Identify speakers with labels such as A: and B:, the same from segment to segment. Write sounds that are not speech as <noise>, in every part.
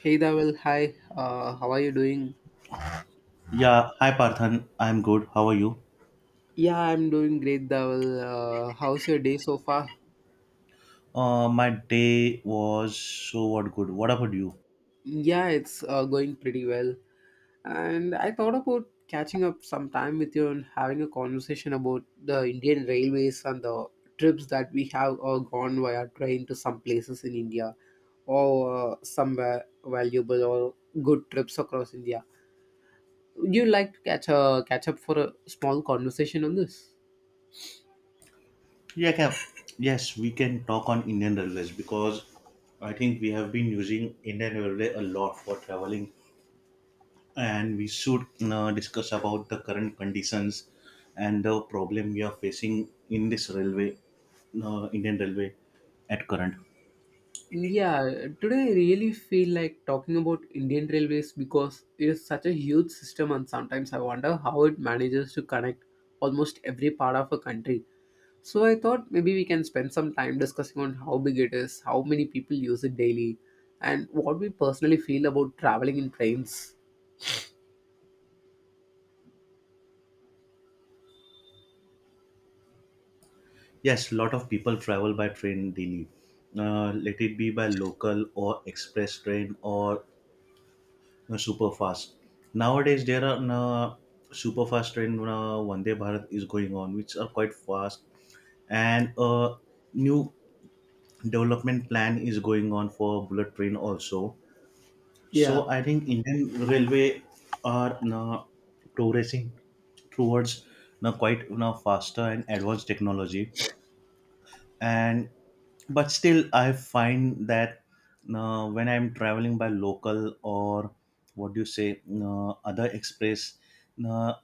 A: Hey Dawal, hi. How are you doing?
B: Yeah, hi Parthan. I'm good. How are you?
A: Yeah, I'm doing great, Dawal. How's your day so far?
B: My day was so what good. What about you?
A: Yeah, it's going pretty well. And I thought about catching up sometime with you and having a conversation about the Indian railways and the trips that we have gone via train to some places in India or somewhere valuable or good trips across India. Would you like to catch up for a small conversation on this?
B: Yeah, Cap. Yes, we can talk on Indian Railways because I think we have been using Indian Railway a lot for traveling, and we should discuss about the current conditions and the problem we are facing in this railway, Indian Railway at current.
A: Yeah, today I really feel like talking about Indian Railways because it is such a huge system, and sometimes I wonder how it manages to connect almost every part of a country. So I thought maybe we can spend some time discussing on how big it is, how many people use it daily, and what we personally feel about traveling in trains.
B: Yes, lot of people travel by train daily. Let it be by local or express train or super fast. Nowadays, there are uh, super fast train, Vande Bharat is going on, which are quite fast, and a new development plan is going on for bullet train also. So
A: Yeah.
B: I think Indian Railway are progressing towards quite faster and advanced technology, and but still I find that when I'm traveling by local or what do you say other express, uh,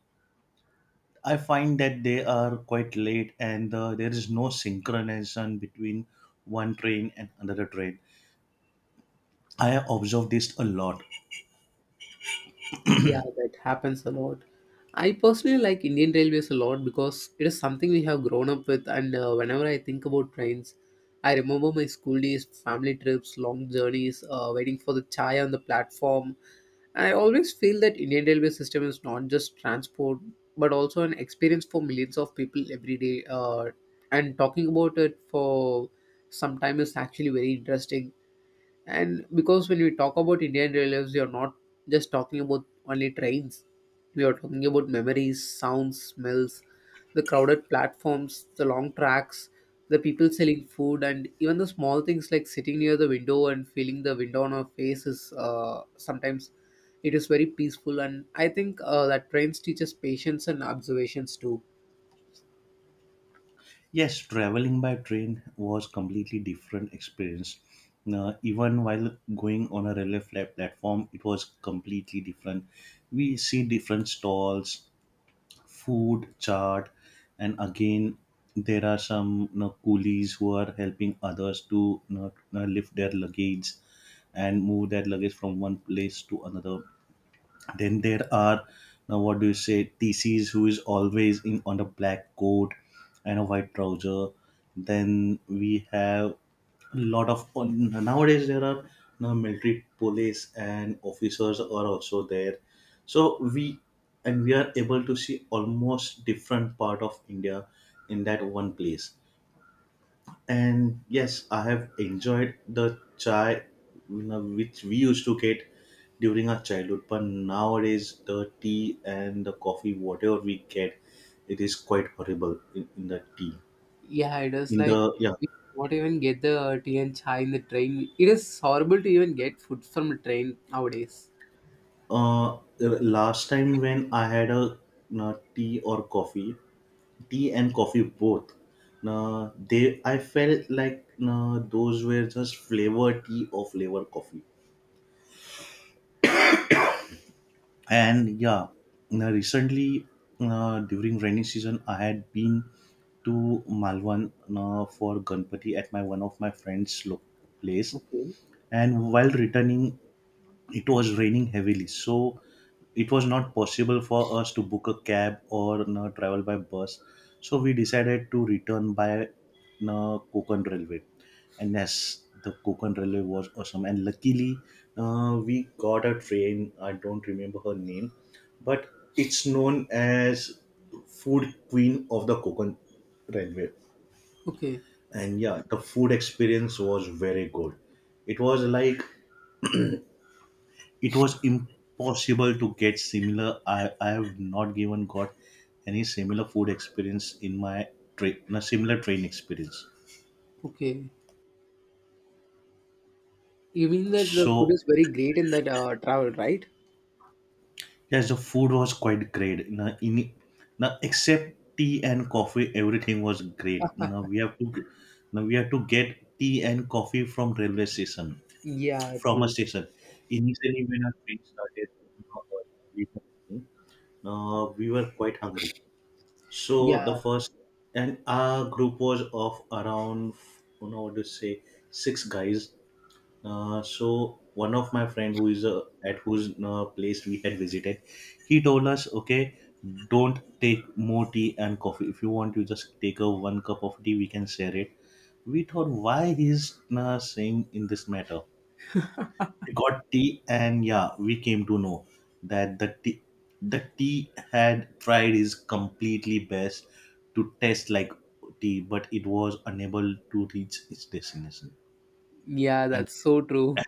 B: I find that they are quite late and there is no synchronization between one train and another train. I have observed this a lot.
A: Yeah, that happens a lot. I personally like Indian Railways a lot because it is something we have grown up with, and whenever I think about trains, I remember my school days, family trips, long journeys, waiting for the chai on the platform. And I always feel that Indian Railway system is not just transport, but also an experience for millions of people every day. And talking about it for some time is actually very interesting. And because when we talk about Indian Railways, we are not just talking about only trains. We are talking about memories, sounds, smells, the crowded platforms, the long tracks, the people selling food, and even the small things like sitting near the window and feeling the wind on our face is, sometimes, it is very peaceful. And I think that trains teaches patience and observations too.
B: Yes, traveling by train was completely different experience. Even while going on a railway flat platform, it was completely different. We see different stalls, food chart, and again there are some you know, coolies who are helping others to you know, lift their luggage and move their luggage from one place to another. Then there are, now what do you say, TCs who is always in on a black coat and a white trouser. Then we have a lot of, nowadays there are now military police and officers are also there. So we, and we are able to see almost different part of India in that one place. And yes, I have enjoyed the chai you know, which we used to get during our childhood. But nowadays, the tea and the coffee, whatever we get, it is quite horrible in the tea.
A: Yeah, it was
B: In
A: like
B: the yeah,
A: we not even get the tea and chai in the train. It is horrible to even get food from the train nowadays.
B: uh, last time when I had a you know, tea or coffee, tea and coffee both. Now they, I felt like you know, those were just flavor tea or flavor coffee. And yeah, now recently, during rainy season I had been to Malwan for Ganpati at my one of my friends place.
A: Okay,
B: And while returning, it was raining heavily, so it was not possible for us to book a cab or you know, travel by bus, so we decided to return by you know, Konkan railway. And yes, the Konkan railway was awesome, and luckily we got a train, I don't remember her name, but it's known as food queen of the Konkan railway.
A: okay,
B: And yeah, the food experience was very good. It was like it was impossible to get similar. I have not given got any similar food experience in my train, a similar train experience.
A: okay. You mean that the food
B: So
A: is very great in that travel, right?
B: yes, the food was quite great. Now, in, now except tea and coffee, everything was great. Now we have to, now we have to get tea and coffee from railway station,
A: Yeah,
B: from a
A: true.
B: station. Initially, when our train started, uh, we we were quite hungry. So the
A: Yeah,
B: first, and our group was of around you know what to say, 6 guys. So one of my friend who is at whose place we had visited, he told us, okay, don't take more tea and coffee. If you want, you just take a one cup of tea. We can share it. We thought, why he's saying in this matter? We got tea, and yeah, we came to know that the tea had tried is completely best to taste like tea, but it was unable to reach its destination.
A: yeah,
B: And
A: that's so true.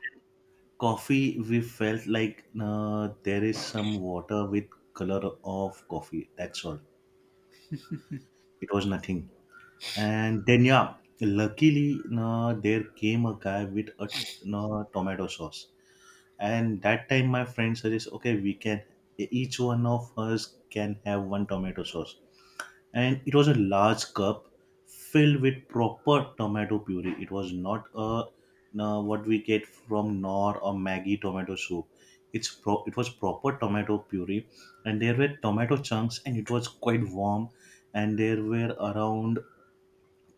B: coffee, we felt like there is some water with color of coffee, that's all. It was nothing. And then yeah, luckily there came a guy with a tomato sauce, and that time my friend suggests, okay, we can, each one of us can have one tomato sauce. And it was a large cup filled with proper tomato puree. It was not a, no, what we get from nor or Maggie tomato soup. It was proper tomato puree, and there were tomato chunks and it was quite warm. And there were around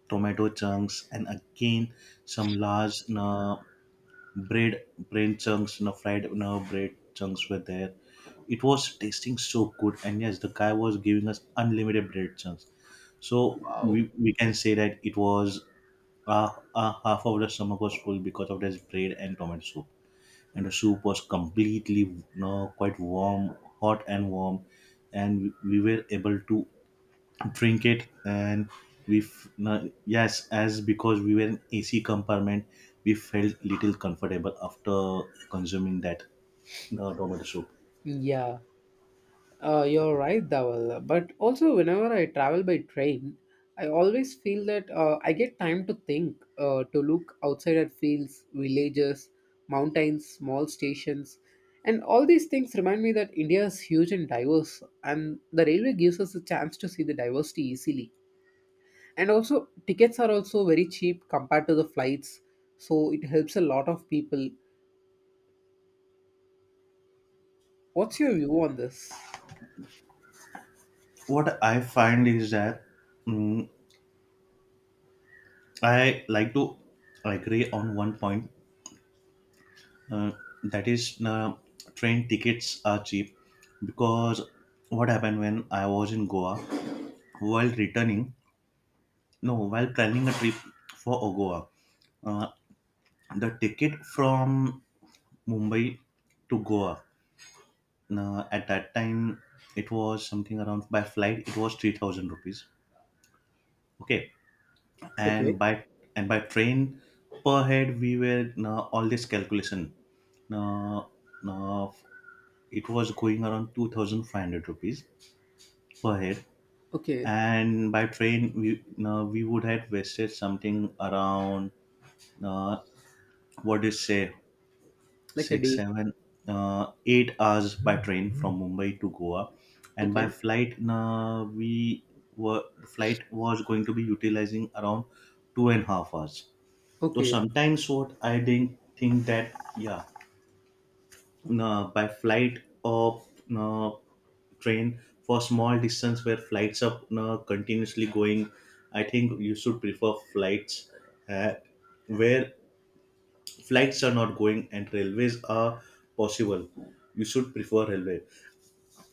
B: tomato chunks, and again some large bread, brain chunks you know, fried you know, bread chunks were there. It was tasting so good, and yes, the guy was giving us unlimited bread chunks. So
A: Wow.
B: we can say that it was, half of the stomach was full because of this bread and tomato soup. And the soup was completely you know, quite warm, hot and warm, and we were able to drink it. And yes, as because we were in AC compartment, we felt little comfortable after consuming that tomato soup.
A: Yeah. You're right, Dawal. But also, whenever I travel by train, I always feel that I get time to think, to look outside at fields, villages, mountains, small stations. And all these things remind me that India is huge and diverse, and the railway gives us a chance to see the diversity easily. And also, tickets are also very cheap compared to the flights, so it helps a lot of people. What's your view on this?
B: What I find is that, mm I like to agree on one point. uh, that is, train tickets are cheap, because what happened when I was in Goa, while returning, no, while planning a trip for Goa, uh, the ticket from Mumbai to Goa. Now, at that time, it was something around by flight. It was 3,000 rupees. Okay, and
A: Okay,
B: by and by train, per head, we were now, all this calculation. Now, now it was going around two thousand five hundred rupees per head,
A: okay,
B: and by train, we now, we would have wasted something around uh, what do you say,
A: like a
B: six,
A: D.
B: seven, 8 hours by train from Mumbai to Goa. And by
A: Okay,
B: flight, we were flight was going to be utilizing around 2.5 hours. So
A: okay.
B: sometimes what I didn't think that, yeah, by flight or uh, train for small distance where flights are continuously going, I think you should prefer flights. Uh, where flights are not going and railways are possible, you should prefer railway,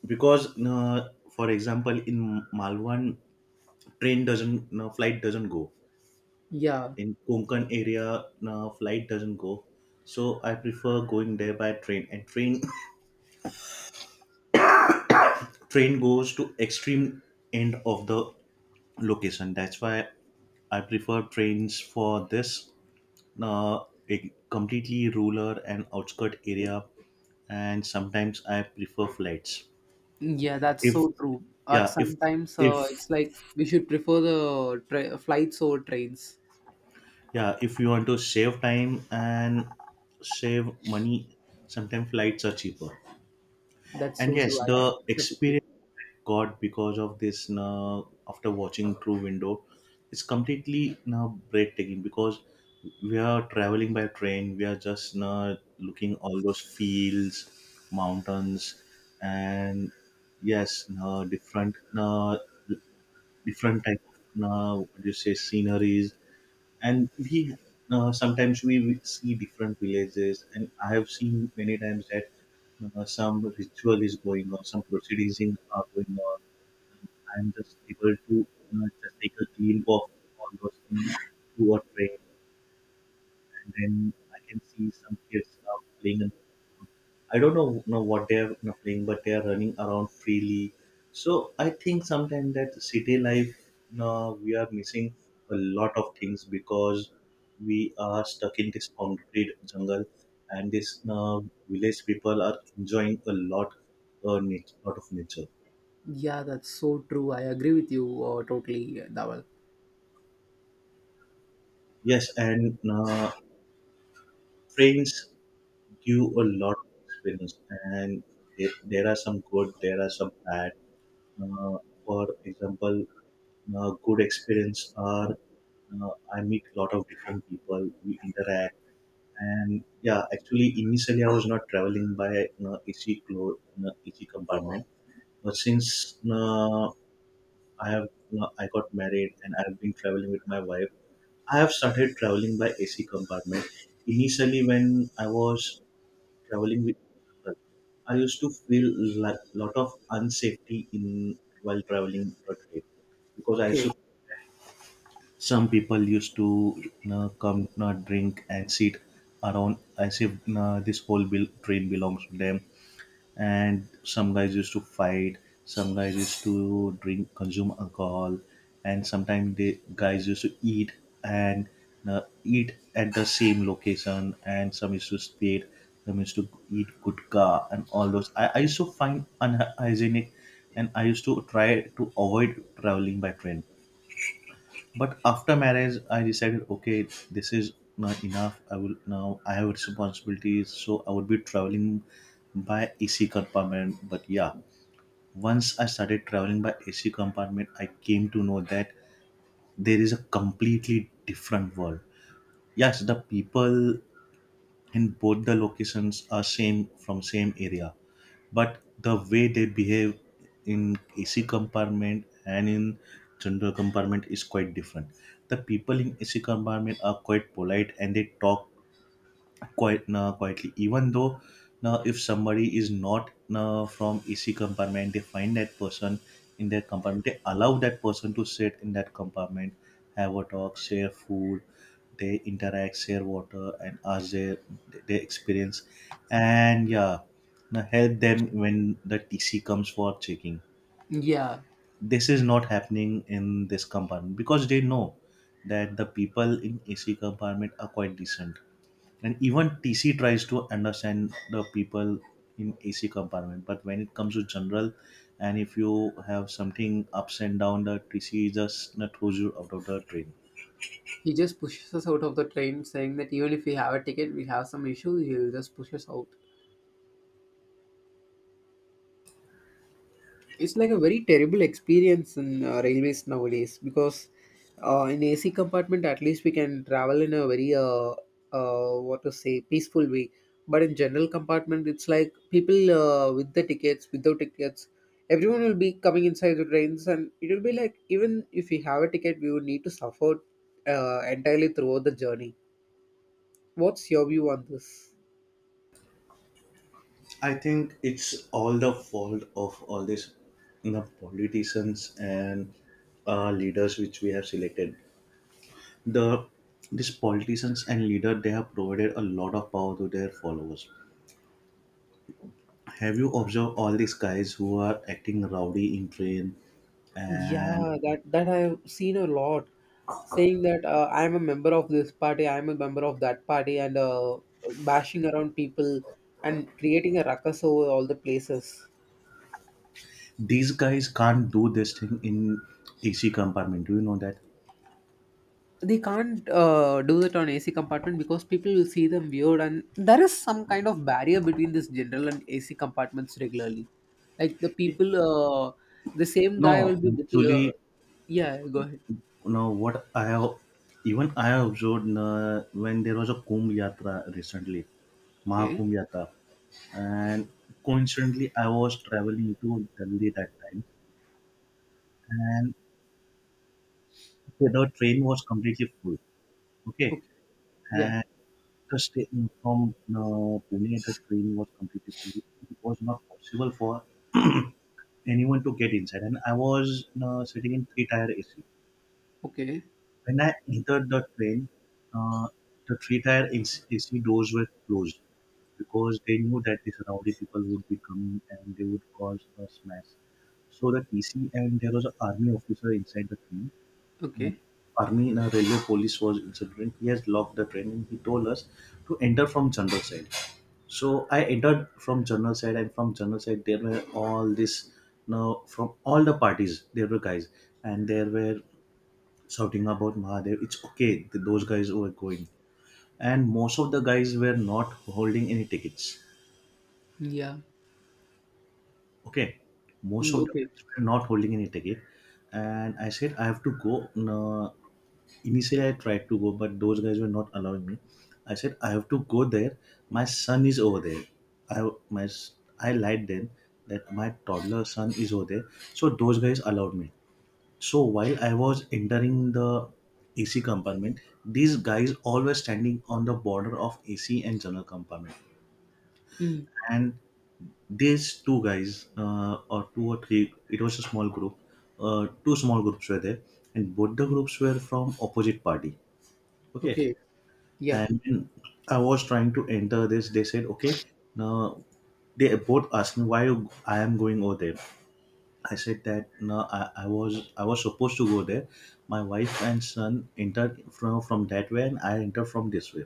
B: because uh, for example in Malwan, train doesn't, no, flight doesn't go.
A: Yeah,
B: In Konkan area, no, flight doesn't go, so I prefer going there by train. And train <coughs> train goes to extreme end of the location. That's why I prefer trains for this, uh, a completely rural and outskirt area. And sometimes I prefer flights
A: yeah, that's
B: if
A: so true. Uh,
B: yeah
A: sometimes
B: if
A: it's like we should prefer the flights over trains.
B: yeah, if you want to save time and save money, sometimes flights are cheaper.
A: That's
B: And
A: so
B: yes,
A: true. I
B: the
A: accept with you.
B: experience I got because of this, now after watching through window, it's completely now breathtaking, because we are traveling by train, we are just now looking all those fields, mountains, and yes, now different, now different type of, now what do you say, sceneries. And we sometimes we will see different villages, and I have seen many times that some ritual is going on, some proceedings are going on. I'm just able to just take a glimpse of all those things through a train. And then I can see some kids are playing, and I don't know what they are you know, playing, but they are running around freely. So I think sometimes that city life, you know, we are missing a lot of things because we are stuck in this concrete jungle, and this you know, village people are enjoying a lot, lot of nature.
A: Yeah, that's so true. I agree with you, totally, Dawal.
B: Yes, and friends give a lot of experience, and there are some good, there are some bad. Uh, for example, good experience are, I meet a lot of different people, we interact. And yeah, actually initially I was not traveling by uh, AC compartment, but since I have I got married and I've been traveling with my wife, I have started traveling by AC compartment. Initially, when I was traveling with people, I used to feel a lot of unsafety in while traveling road trip, because I used
A: Okay.
B: to, some people used to you know, come you know, drink and sit around as if you know, this whole bill, train belongs to them. And some guys used to fight, some guys used to drink, consume alcohol, and sometimes they guys used to eat and eat at the same location, and some used to spit, some used to eat gutka, and all those I used to find unhygienic, and I used to try to avoid traveling by train. But after marriage, I decided, okay, this is not enough. I will now, I have responsibilities, so I would be traveling by AC compartment. But yeah, once I started traveling by AC compartment, I came to know that there is a completely different world. Yes, the people in both the locations are same from same area, but the way they behave in AC compartment and in general compartment is quite different. The people in AC compartment are quite polite and they talk quite quietly. Even though now if somebody is not from ac compartment, they find that person in their compartment, they allow that person to sit in that compartment, have a talk, share food, they interact, share water and ask their experience, and yeah, now help them when the tc comes for checking.
A: Yeah,
B: This is not happening in this compartment because they know that the people in ac compartment are quite decent, and even tc tries to understand the people in ac compartment, but when it comes to general, and if you have something ups and down, the tc just not throws you out of the train.
A: he just pushes us out of the train, saying that even if we have a ticket, we have some issues. He'll just push us out. It's like a very terrible experience in, railways nowadays, because in AC compartment at least we can travel in a very, what to say, peaceful way. But in general compartment, it's like people, with the tickets, without tickets, everyone will be coming inside the trains, and it will be like, even if we have a ticket, we would need to suffer entirely throughout the journey. What's your view on this?
B: I think it's all the fault of all these, the politicians and leaders which we have selected, the, these politicians and leader, they have provided a lot of power to their followers. Have you observed all these guys who are acting rowdy in train and,
A: Yeah, that I've seen a lot, saying that, I'm a member of this party, I'm a member of that party, and bashing around people and creating a ruckus over all the places.
B: these guys can't do this thing in AC compartment. Do you know that?
A: They can't do it on AC compartment because people will see them weird, and there is some kind of barrier between this general and AC compartments regularly. Like the
B: It-
A: people, the same guy will
B: No,
A: be booking. Uh,
B: actually,
A: yeah, go ahead.
B: no. What I have, even I have observed when there was a Kumbh Yatra recently,
A: Okay.
B: Mahakumbh Yatra, and coincidentally, I was traveling to Delhi that time, and the train was completely full. Okay,
A: Okay. Yeah.
B: and the state from Pune, the train was completely full. It was not possible for anyone to get inside, and I was sitting in three tier AC.
A: Okay.
B: When I entered the train, uh, the three tier AC, doors were closed because they knew that the surrounding people would be coming and they would cause a smash. So the TC, and there was an army officer inside the train. Uh,
A: Okay.
B: Army and a railway police was inside the train. He has locked the train and he told us to enter from general side. So I entered from general side, and from general side there were all this, now from all the parties there were guys, and there were shouting about Mahadev. It's okay. Those guys were going, and most of the guys were not holding any tickets.
A: Yeah.
B: Okay, most
A: Mm,
B: of the
A: okay.
B: guys were not holding any ticket, and I said I have to go. No, initially I tried to go, but those guys were not allowing me. I said I have to go there. My son is over there. I my s- I lied then that my toddler son is over there. So those guys allowed me. So while I was entering the AC compartment, these guys always standing on the border of AC and general compartment.
A: Mm,
B: And these two guys, or two or three, it was a small group. Two small groups were there, and both the groups were from opposite party. Okay,
A: okay. Yeah.
B: and when I was trying to enter this. They said, okay, now they both asked me why I am going over there. I said that no, I was I was supposed to go there. My wife and son entered from that way, and I entered from this way.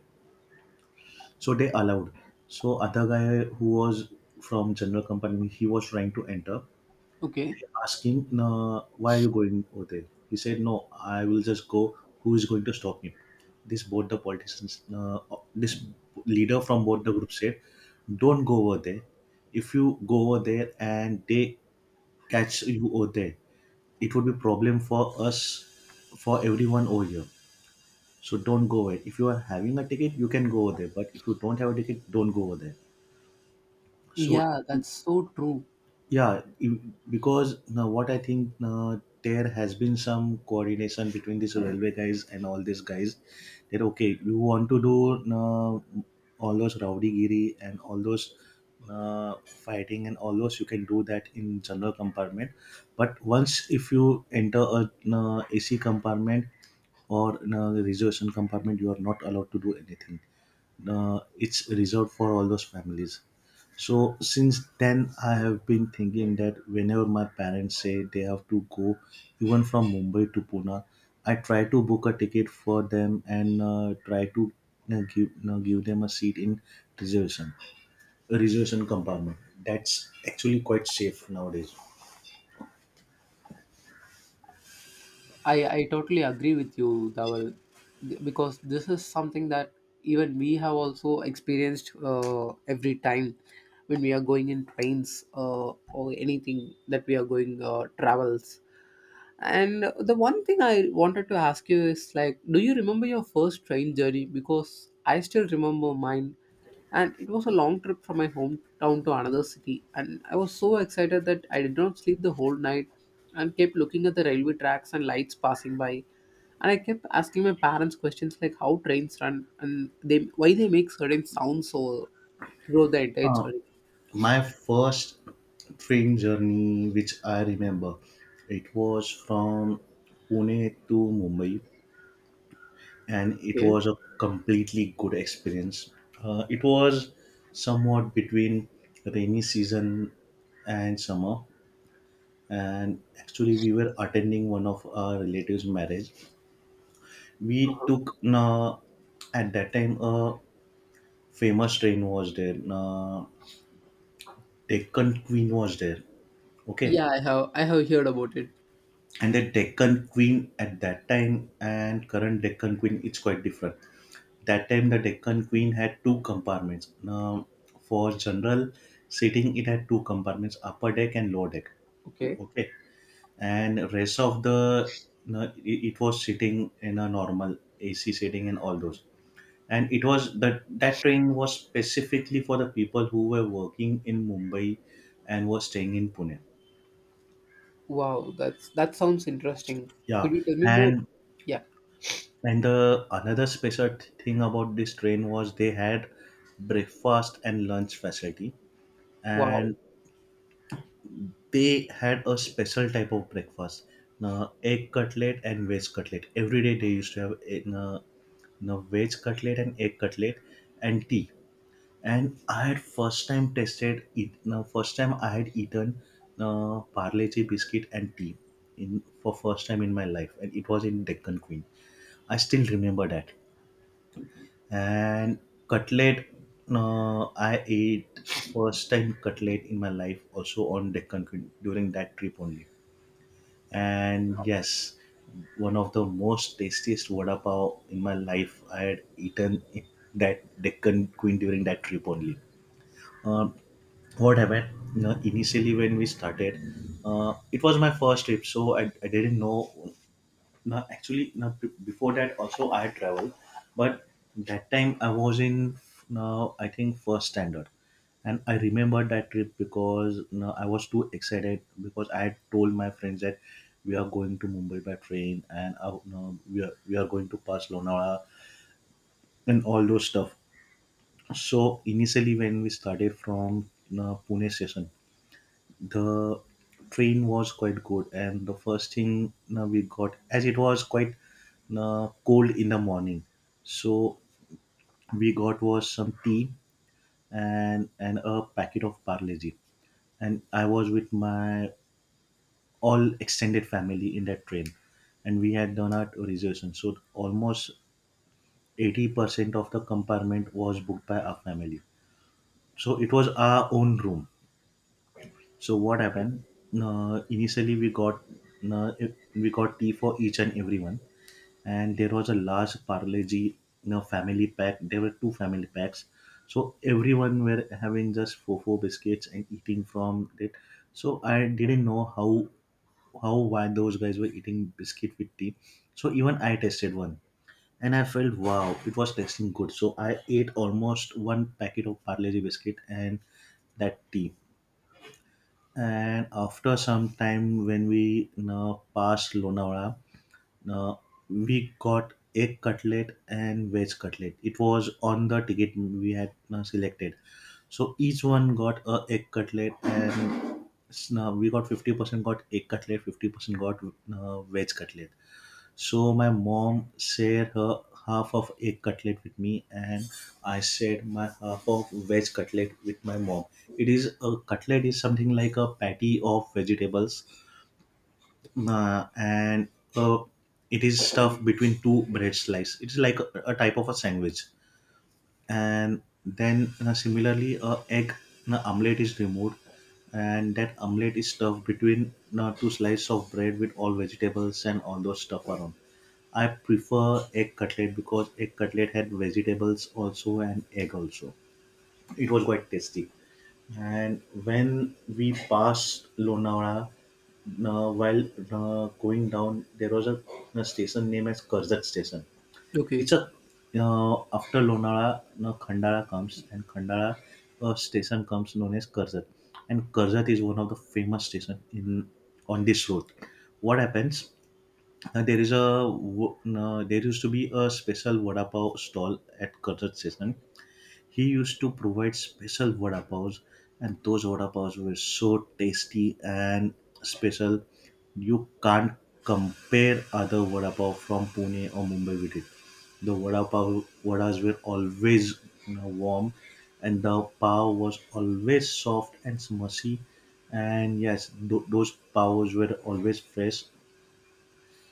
B: So they allowed. So other guy who was from general company, he was trying to enter.
A: Okay.
B: They asked him, no, why are you going over there? He said, no, I will just go. Who is going to stop me? This both the politicians, this leader from both the group said, don't go over there. If you go over there and they catch you over there, it would be problem for us, for everyone over here. So don't go away, if you are having a ticket you can go over there, but if you don't have a ticket, don't go over there. So
A: Yeah, that's so true.
B: yeah, because now what I think, now there has been some coordination between these railway guys and all these guys that okay, you want to do now all those rowdy giri and all those fighting and all those, you can do that in general compartment, but once if you enter a AC compartment or reservation compartment, you are not allowed to do anything. It's reserved for all those families. So since then, I have been thinking that whenever my parents say they have to go, even from Mumbai to Pune, I try to book a ticket for them and try to give them a seat in reservation, a reservation compartment. That's actually quite safe nowadays.
A: I totally agree with you, Dawal. Because this is something that even we have also experienced every time when we are going in trains, or anything that we are going, travels. And the one thing I wanted to ask you is, like, do you remember your first train journey? Because I still remember mine. And it was a long trip from my hometown to another city. And I was so excited that I did not sleep the whole night and kept looking at the railway tracks and lights passing by. And I kept asking my parents questions like how trains run and they why they make certain sounds, so throughout the entire
B: Uh,
A: journey.
B: my first train journey, which I remember, it was from Pune to Mumbai, and it
A: Okay.
B: was a completely good experience. It was somewhat between rainy season and summer, and actually we were attending one of our relatives' marriage. We took at that time a famous train was there. Deccan Queen was there. Okay,
A: Yeah, I have heard about it.
B: and the Deccan Queen at that time and current Deccan Queen, it's quite different. That time the Deccan Queen had two compartments. Now, for general seating, it had two compartments, upper deck and lower deck.
A: Okay.
B: Okay, and rest of the, no, it was sitting in a normal AC seating and all those. And it was that that train was specifically for the people who were working in Mumbai and were staying in Pune.
A: Wow, that sounds interesting. Could
B: Yeah,
A: you tell me more?
B: and
A: Yeah.
B: the another special thing about this train was they had breakfast and lunch facility,
A: Wow.
B: and they had a special type of breakfast, na, egg cutlet and veg cutlet, every day they used to have a, na, na veg cutlet and egg cutlet and tea. And I had first time tasted it, na, first time I had eaten, na, parleji biscuit and tea in for first time in my life, and it was in Deccan Queen. I still remember that. And cutlet, uh, I ate first time cutlet in my life also on Deccan Queen during that trip only. And yes, one of the most tastiest vada pav in my life I had eaten in that Deccan Queen during that trip only. um, what happened, you know, initially when we started, it was my first trip so I didn't know. No, actually, no, before that also I had traveled, but that time I was in, now I think first standard, and I remember that trip because no, I was too excited because I had told my friends that we are going to Mumbai by train and no, we are going to pass Lonavala and all those stuff. So initially, when we started from, no, Pune station, the train was quite good, and the first thing we got, as it was quite cold in the morning, so we got was some tea and a packet of parleji. And I was with my all extended family in that train, and we had done our reservation so almost 80% of the compartment was booked by our family, so it was our own room. So what
A: Okay.
B: happened? Initially, we got uh, tea for each and everyone, and there was a large parleji, you know, family pack. There were two family packs, so everyone were having just four biscuits and eating from it. So I didn't know how, why those guys were eating biscuit with tea. So even I tasted one, and I felt wow, it was tasting good. So I ate almost one packet of parleji biscuit and that tea. And after some time when we, you know, passed Lonavala, uh, we got egg cutlet and veg cutlet. It was on the ticket we had, you know, selected. So each one got a egg cutlet and now we got 50% got egg cutlet, 50% got veg cutlet. So my mom shared her half of egg cutlet with me, and I shared my half of veg cutlet with my mom. It is a cutlet is something like a patty of vegetables, and uh, it is stuffed between two bread slices. It's like a type of a sandwich, and then similarly a egg omelette is removed, and that omelette is stuffed between two slices of bread with all vegetables and all those stuff around. I prefer egg cutlet because egg cutlet had vegetables also and egg also. It was quite tasty. And when we passed Lonavala, while going down, there was a station named as Karzat Station. It's
A: Okay.
B: a, after Lonavala, now Khandala comes, and Khandala station comes known as Karzat, and Karzat is one of the famous station in, on this road. What happens? There is there used to be a special vada pav stall at Karzat station. He used to provide special vada pavs, and those vada pavs were so tasty and special. You can't compare other vada pav from Pune or Mumbai with it. The vada pav vadas were always, you know, warm, and the pav was always soft and smushy. And yes, those pavs were always fresh.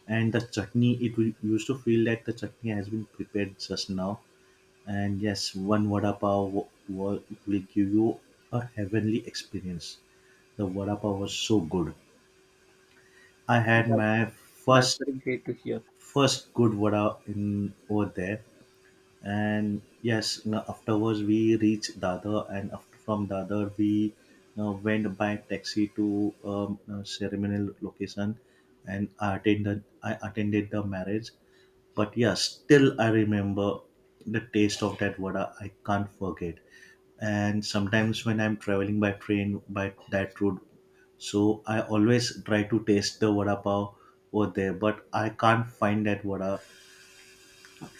B: And the chutney, used to feel like the chutney has been prepared just now. And yes, one vada pav will give you a heavenly experience. The vada pav was so good. I had
A: That's
B: my
A: that's
B: first
A: very great to hear.
B: first good vada in over there. And yes, now afterwards we reached Dadar, and after, from Dadar we went by taxi to a ceremonial location, and I attended the marriage. But yeah, still I remember the taste of that vada. I can't forget. And sometimes when I'm traveling by train by that route, so I always try to taste the vada pav over there, but I can't find that vada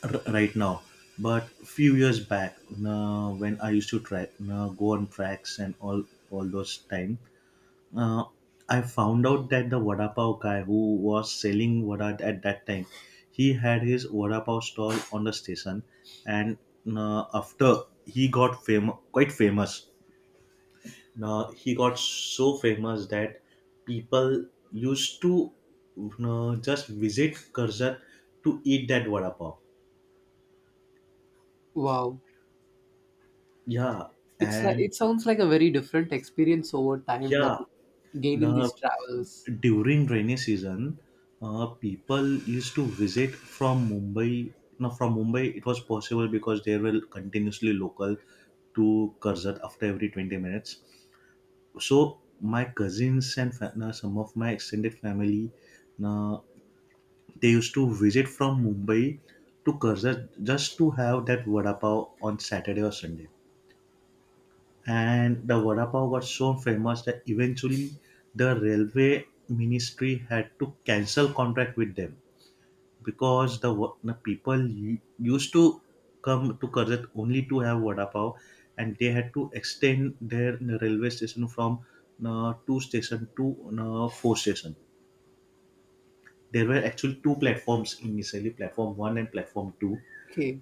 B: r- right now. But few years back, when I used to track, go on tracks and all those time, uh, I found out that the vada pav guy who was selling vada at that time, he had his vada pav stall on the station. And after he got quite famous. Now he got so famous that people used to just visit Karzat to eat that vada pav.
A: Wow.
B: Yeah,
A: It's like,
B: and
A: it sounds like a very different experience over time that
B: yeah,
A: you gain in
B: now
A: these travels.
B: during rainy season, people used to visit from Mumbai. Now, from Mumbai, it was possible because there were continuously local to Karzat after every 20 minutes. So, my cousins and now some of my extended family, now they used to visit from Mumbai to Karzat just to have that vada pav on Saturday or Sunday. And the vada pav got so famous that eventually the railway ministry had to cancel contract with them, because the people used to come to Karjat only to have vada pav, and they had to extend their railway station from two station to four station. There were actually two platforms initially, platform 1 and platform 2,
A: Okay.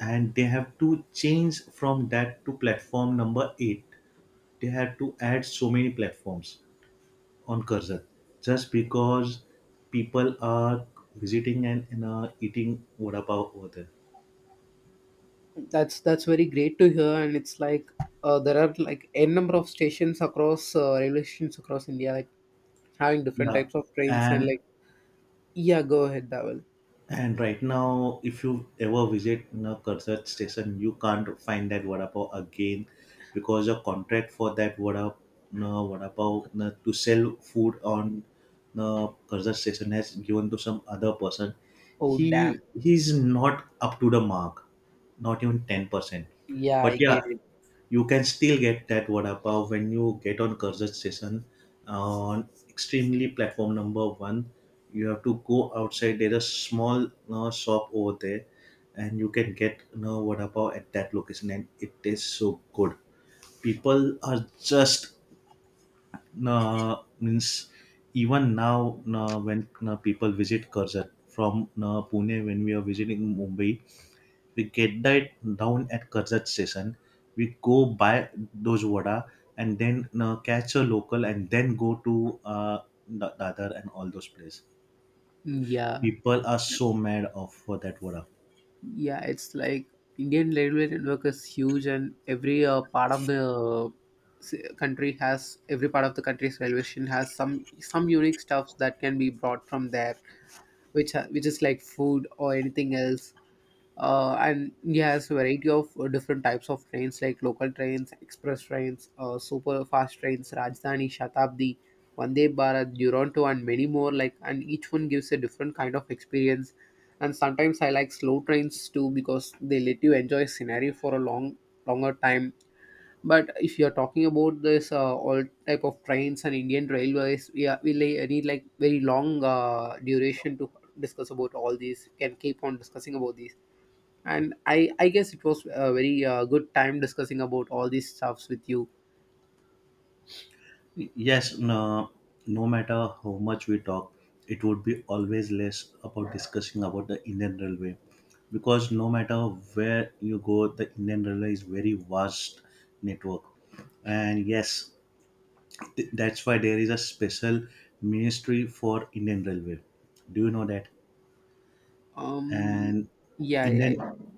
B: and they have to change from that to platform number 8. They had to add so many platforms on cursor just because people are visiting and, eating vada pav over there.
A: That's very great to hear, and it's like, there are like n number of stations across, railway stations across India, like having different
B: Yeah,
A: types of trains, and
B: and
A: like, yeah, go ahead, Dawal.
B: and right now, if you ever visit you know, Cursor station, you can't find that vada pav again, because a contract for that vada you know, vada pav you know, to sell food on the Cursor station has given to some other person.
A: Oh, damn.
B: He's not up to the mark, not even 10%.
A: Yeah,
B: But
A: I
B: yeah,
A: get it.
B: you can still get that vada pav when you get on Curzon station on extremely platform number one. You have to go outside. There is a small shop over there, and you can get you know, vada pav at that location, and it tastes so good. People are just means even now when people visit Curzon from Pune when we are visiting Mumbai, we get that down at Karjat station. We go buy those vada and then catch a local and then go to Dadar and all those places.
A: Mm, yeah.
B: People are so mad of for that vada.
A: Yeah, it's like, Indian railway network is huge, and every part of the, country has, every part of the country's railway station has some unique stuffs that can be brought from there, which is like food or anything else, and India has a variety of different types of trains, like local trains, express trains, super fast trains, Rajdhani, Shatabdi, Vande Bharat, Duronto, and many more. Like, and each one gives a different kind of experience. And sometimes I like slow trains too, because they let you enjoy scenery for a long, longer time. But if you're talking about this, all type of trains and Indian railways, we are, we lay- need like very long duration to discuss about all these. Can keep on discussing about these, and I guess it was a very good time discussing about all these stuffs with you.
B: Yes, no, no matter how much we talk, it would be always less about discussing about the Indian Railway, because no matter where you go, the Indian Railway is very vast network. And yes, that's why there is a special ministry for Indian Railway. Do you know that?
A: um
B: And
A: yeah,
B: Indian
A: yeah,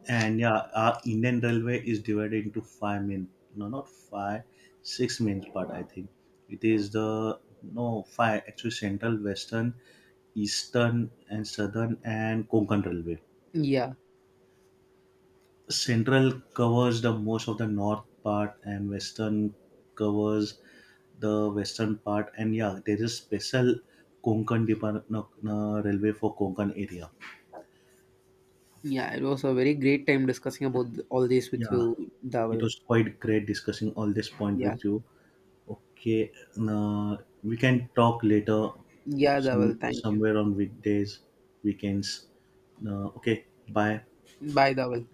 B: and yeah, our Indian Railway is divided into 5 main, no not five, 6 main part I think. It is the no five actually, central, western, eastern and southern and Konkan Railway.
A: yeah,
B: Central covers the most of the north part, and western covers the western part. And yeah, there is special Konkan Department Railway for Konkan area.
A: yeah, it was a very great time discussing about all this with
B: Yeah,
A: you,
B: it
A: Dawal.
B: was quite great discussing all this point
A: Yeah.
B: with you. Okay, uh, we can talk later,
A: Yeah, Dawal, thank you.
B: somewhere on weekdays, weekends. Okay, bye.
A: Bye, Dawal.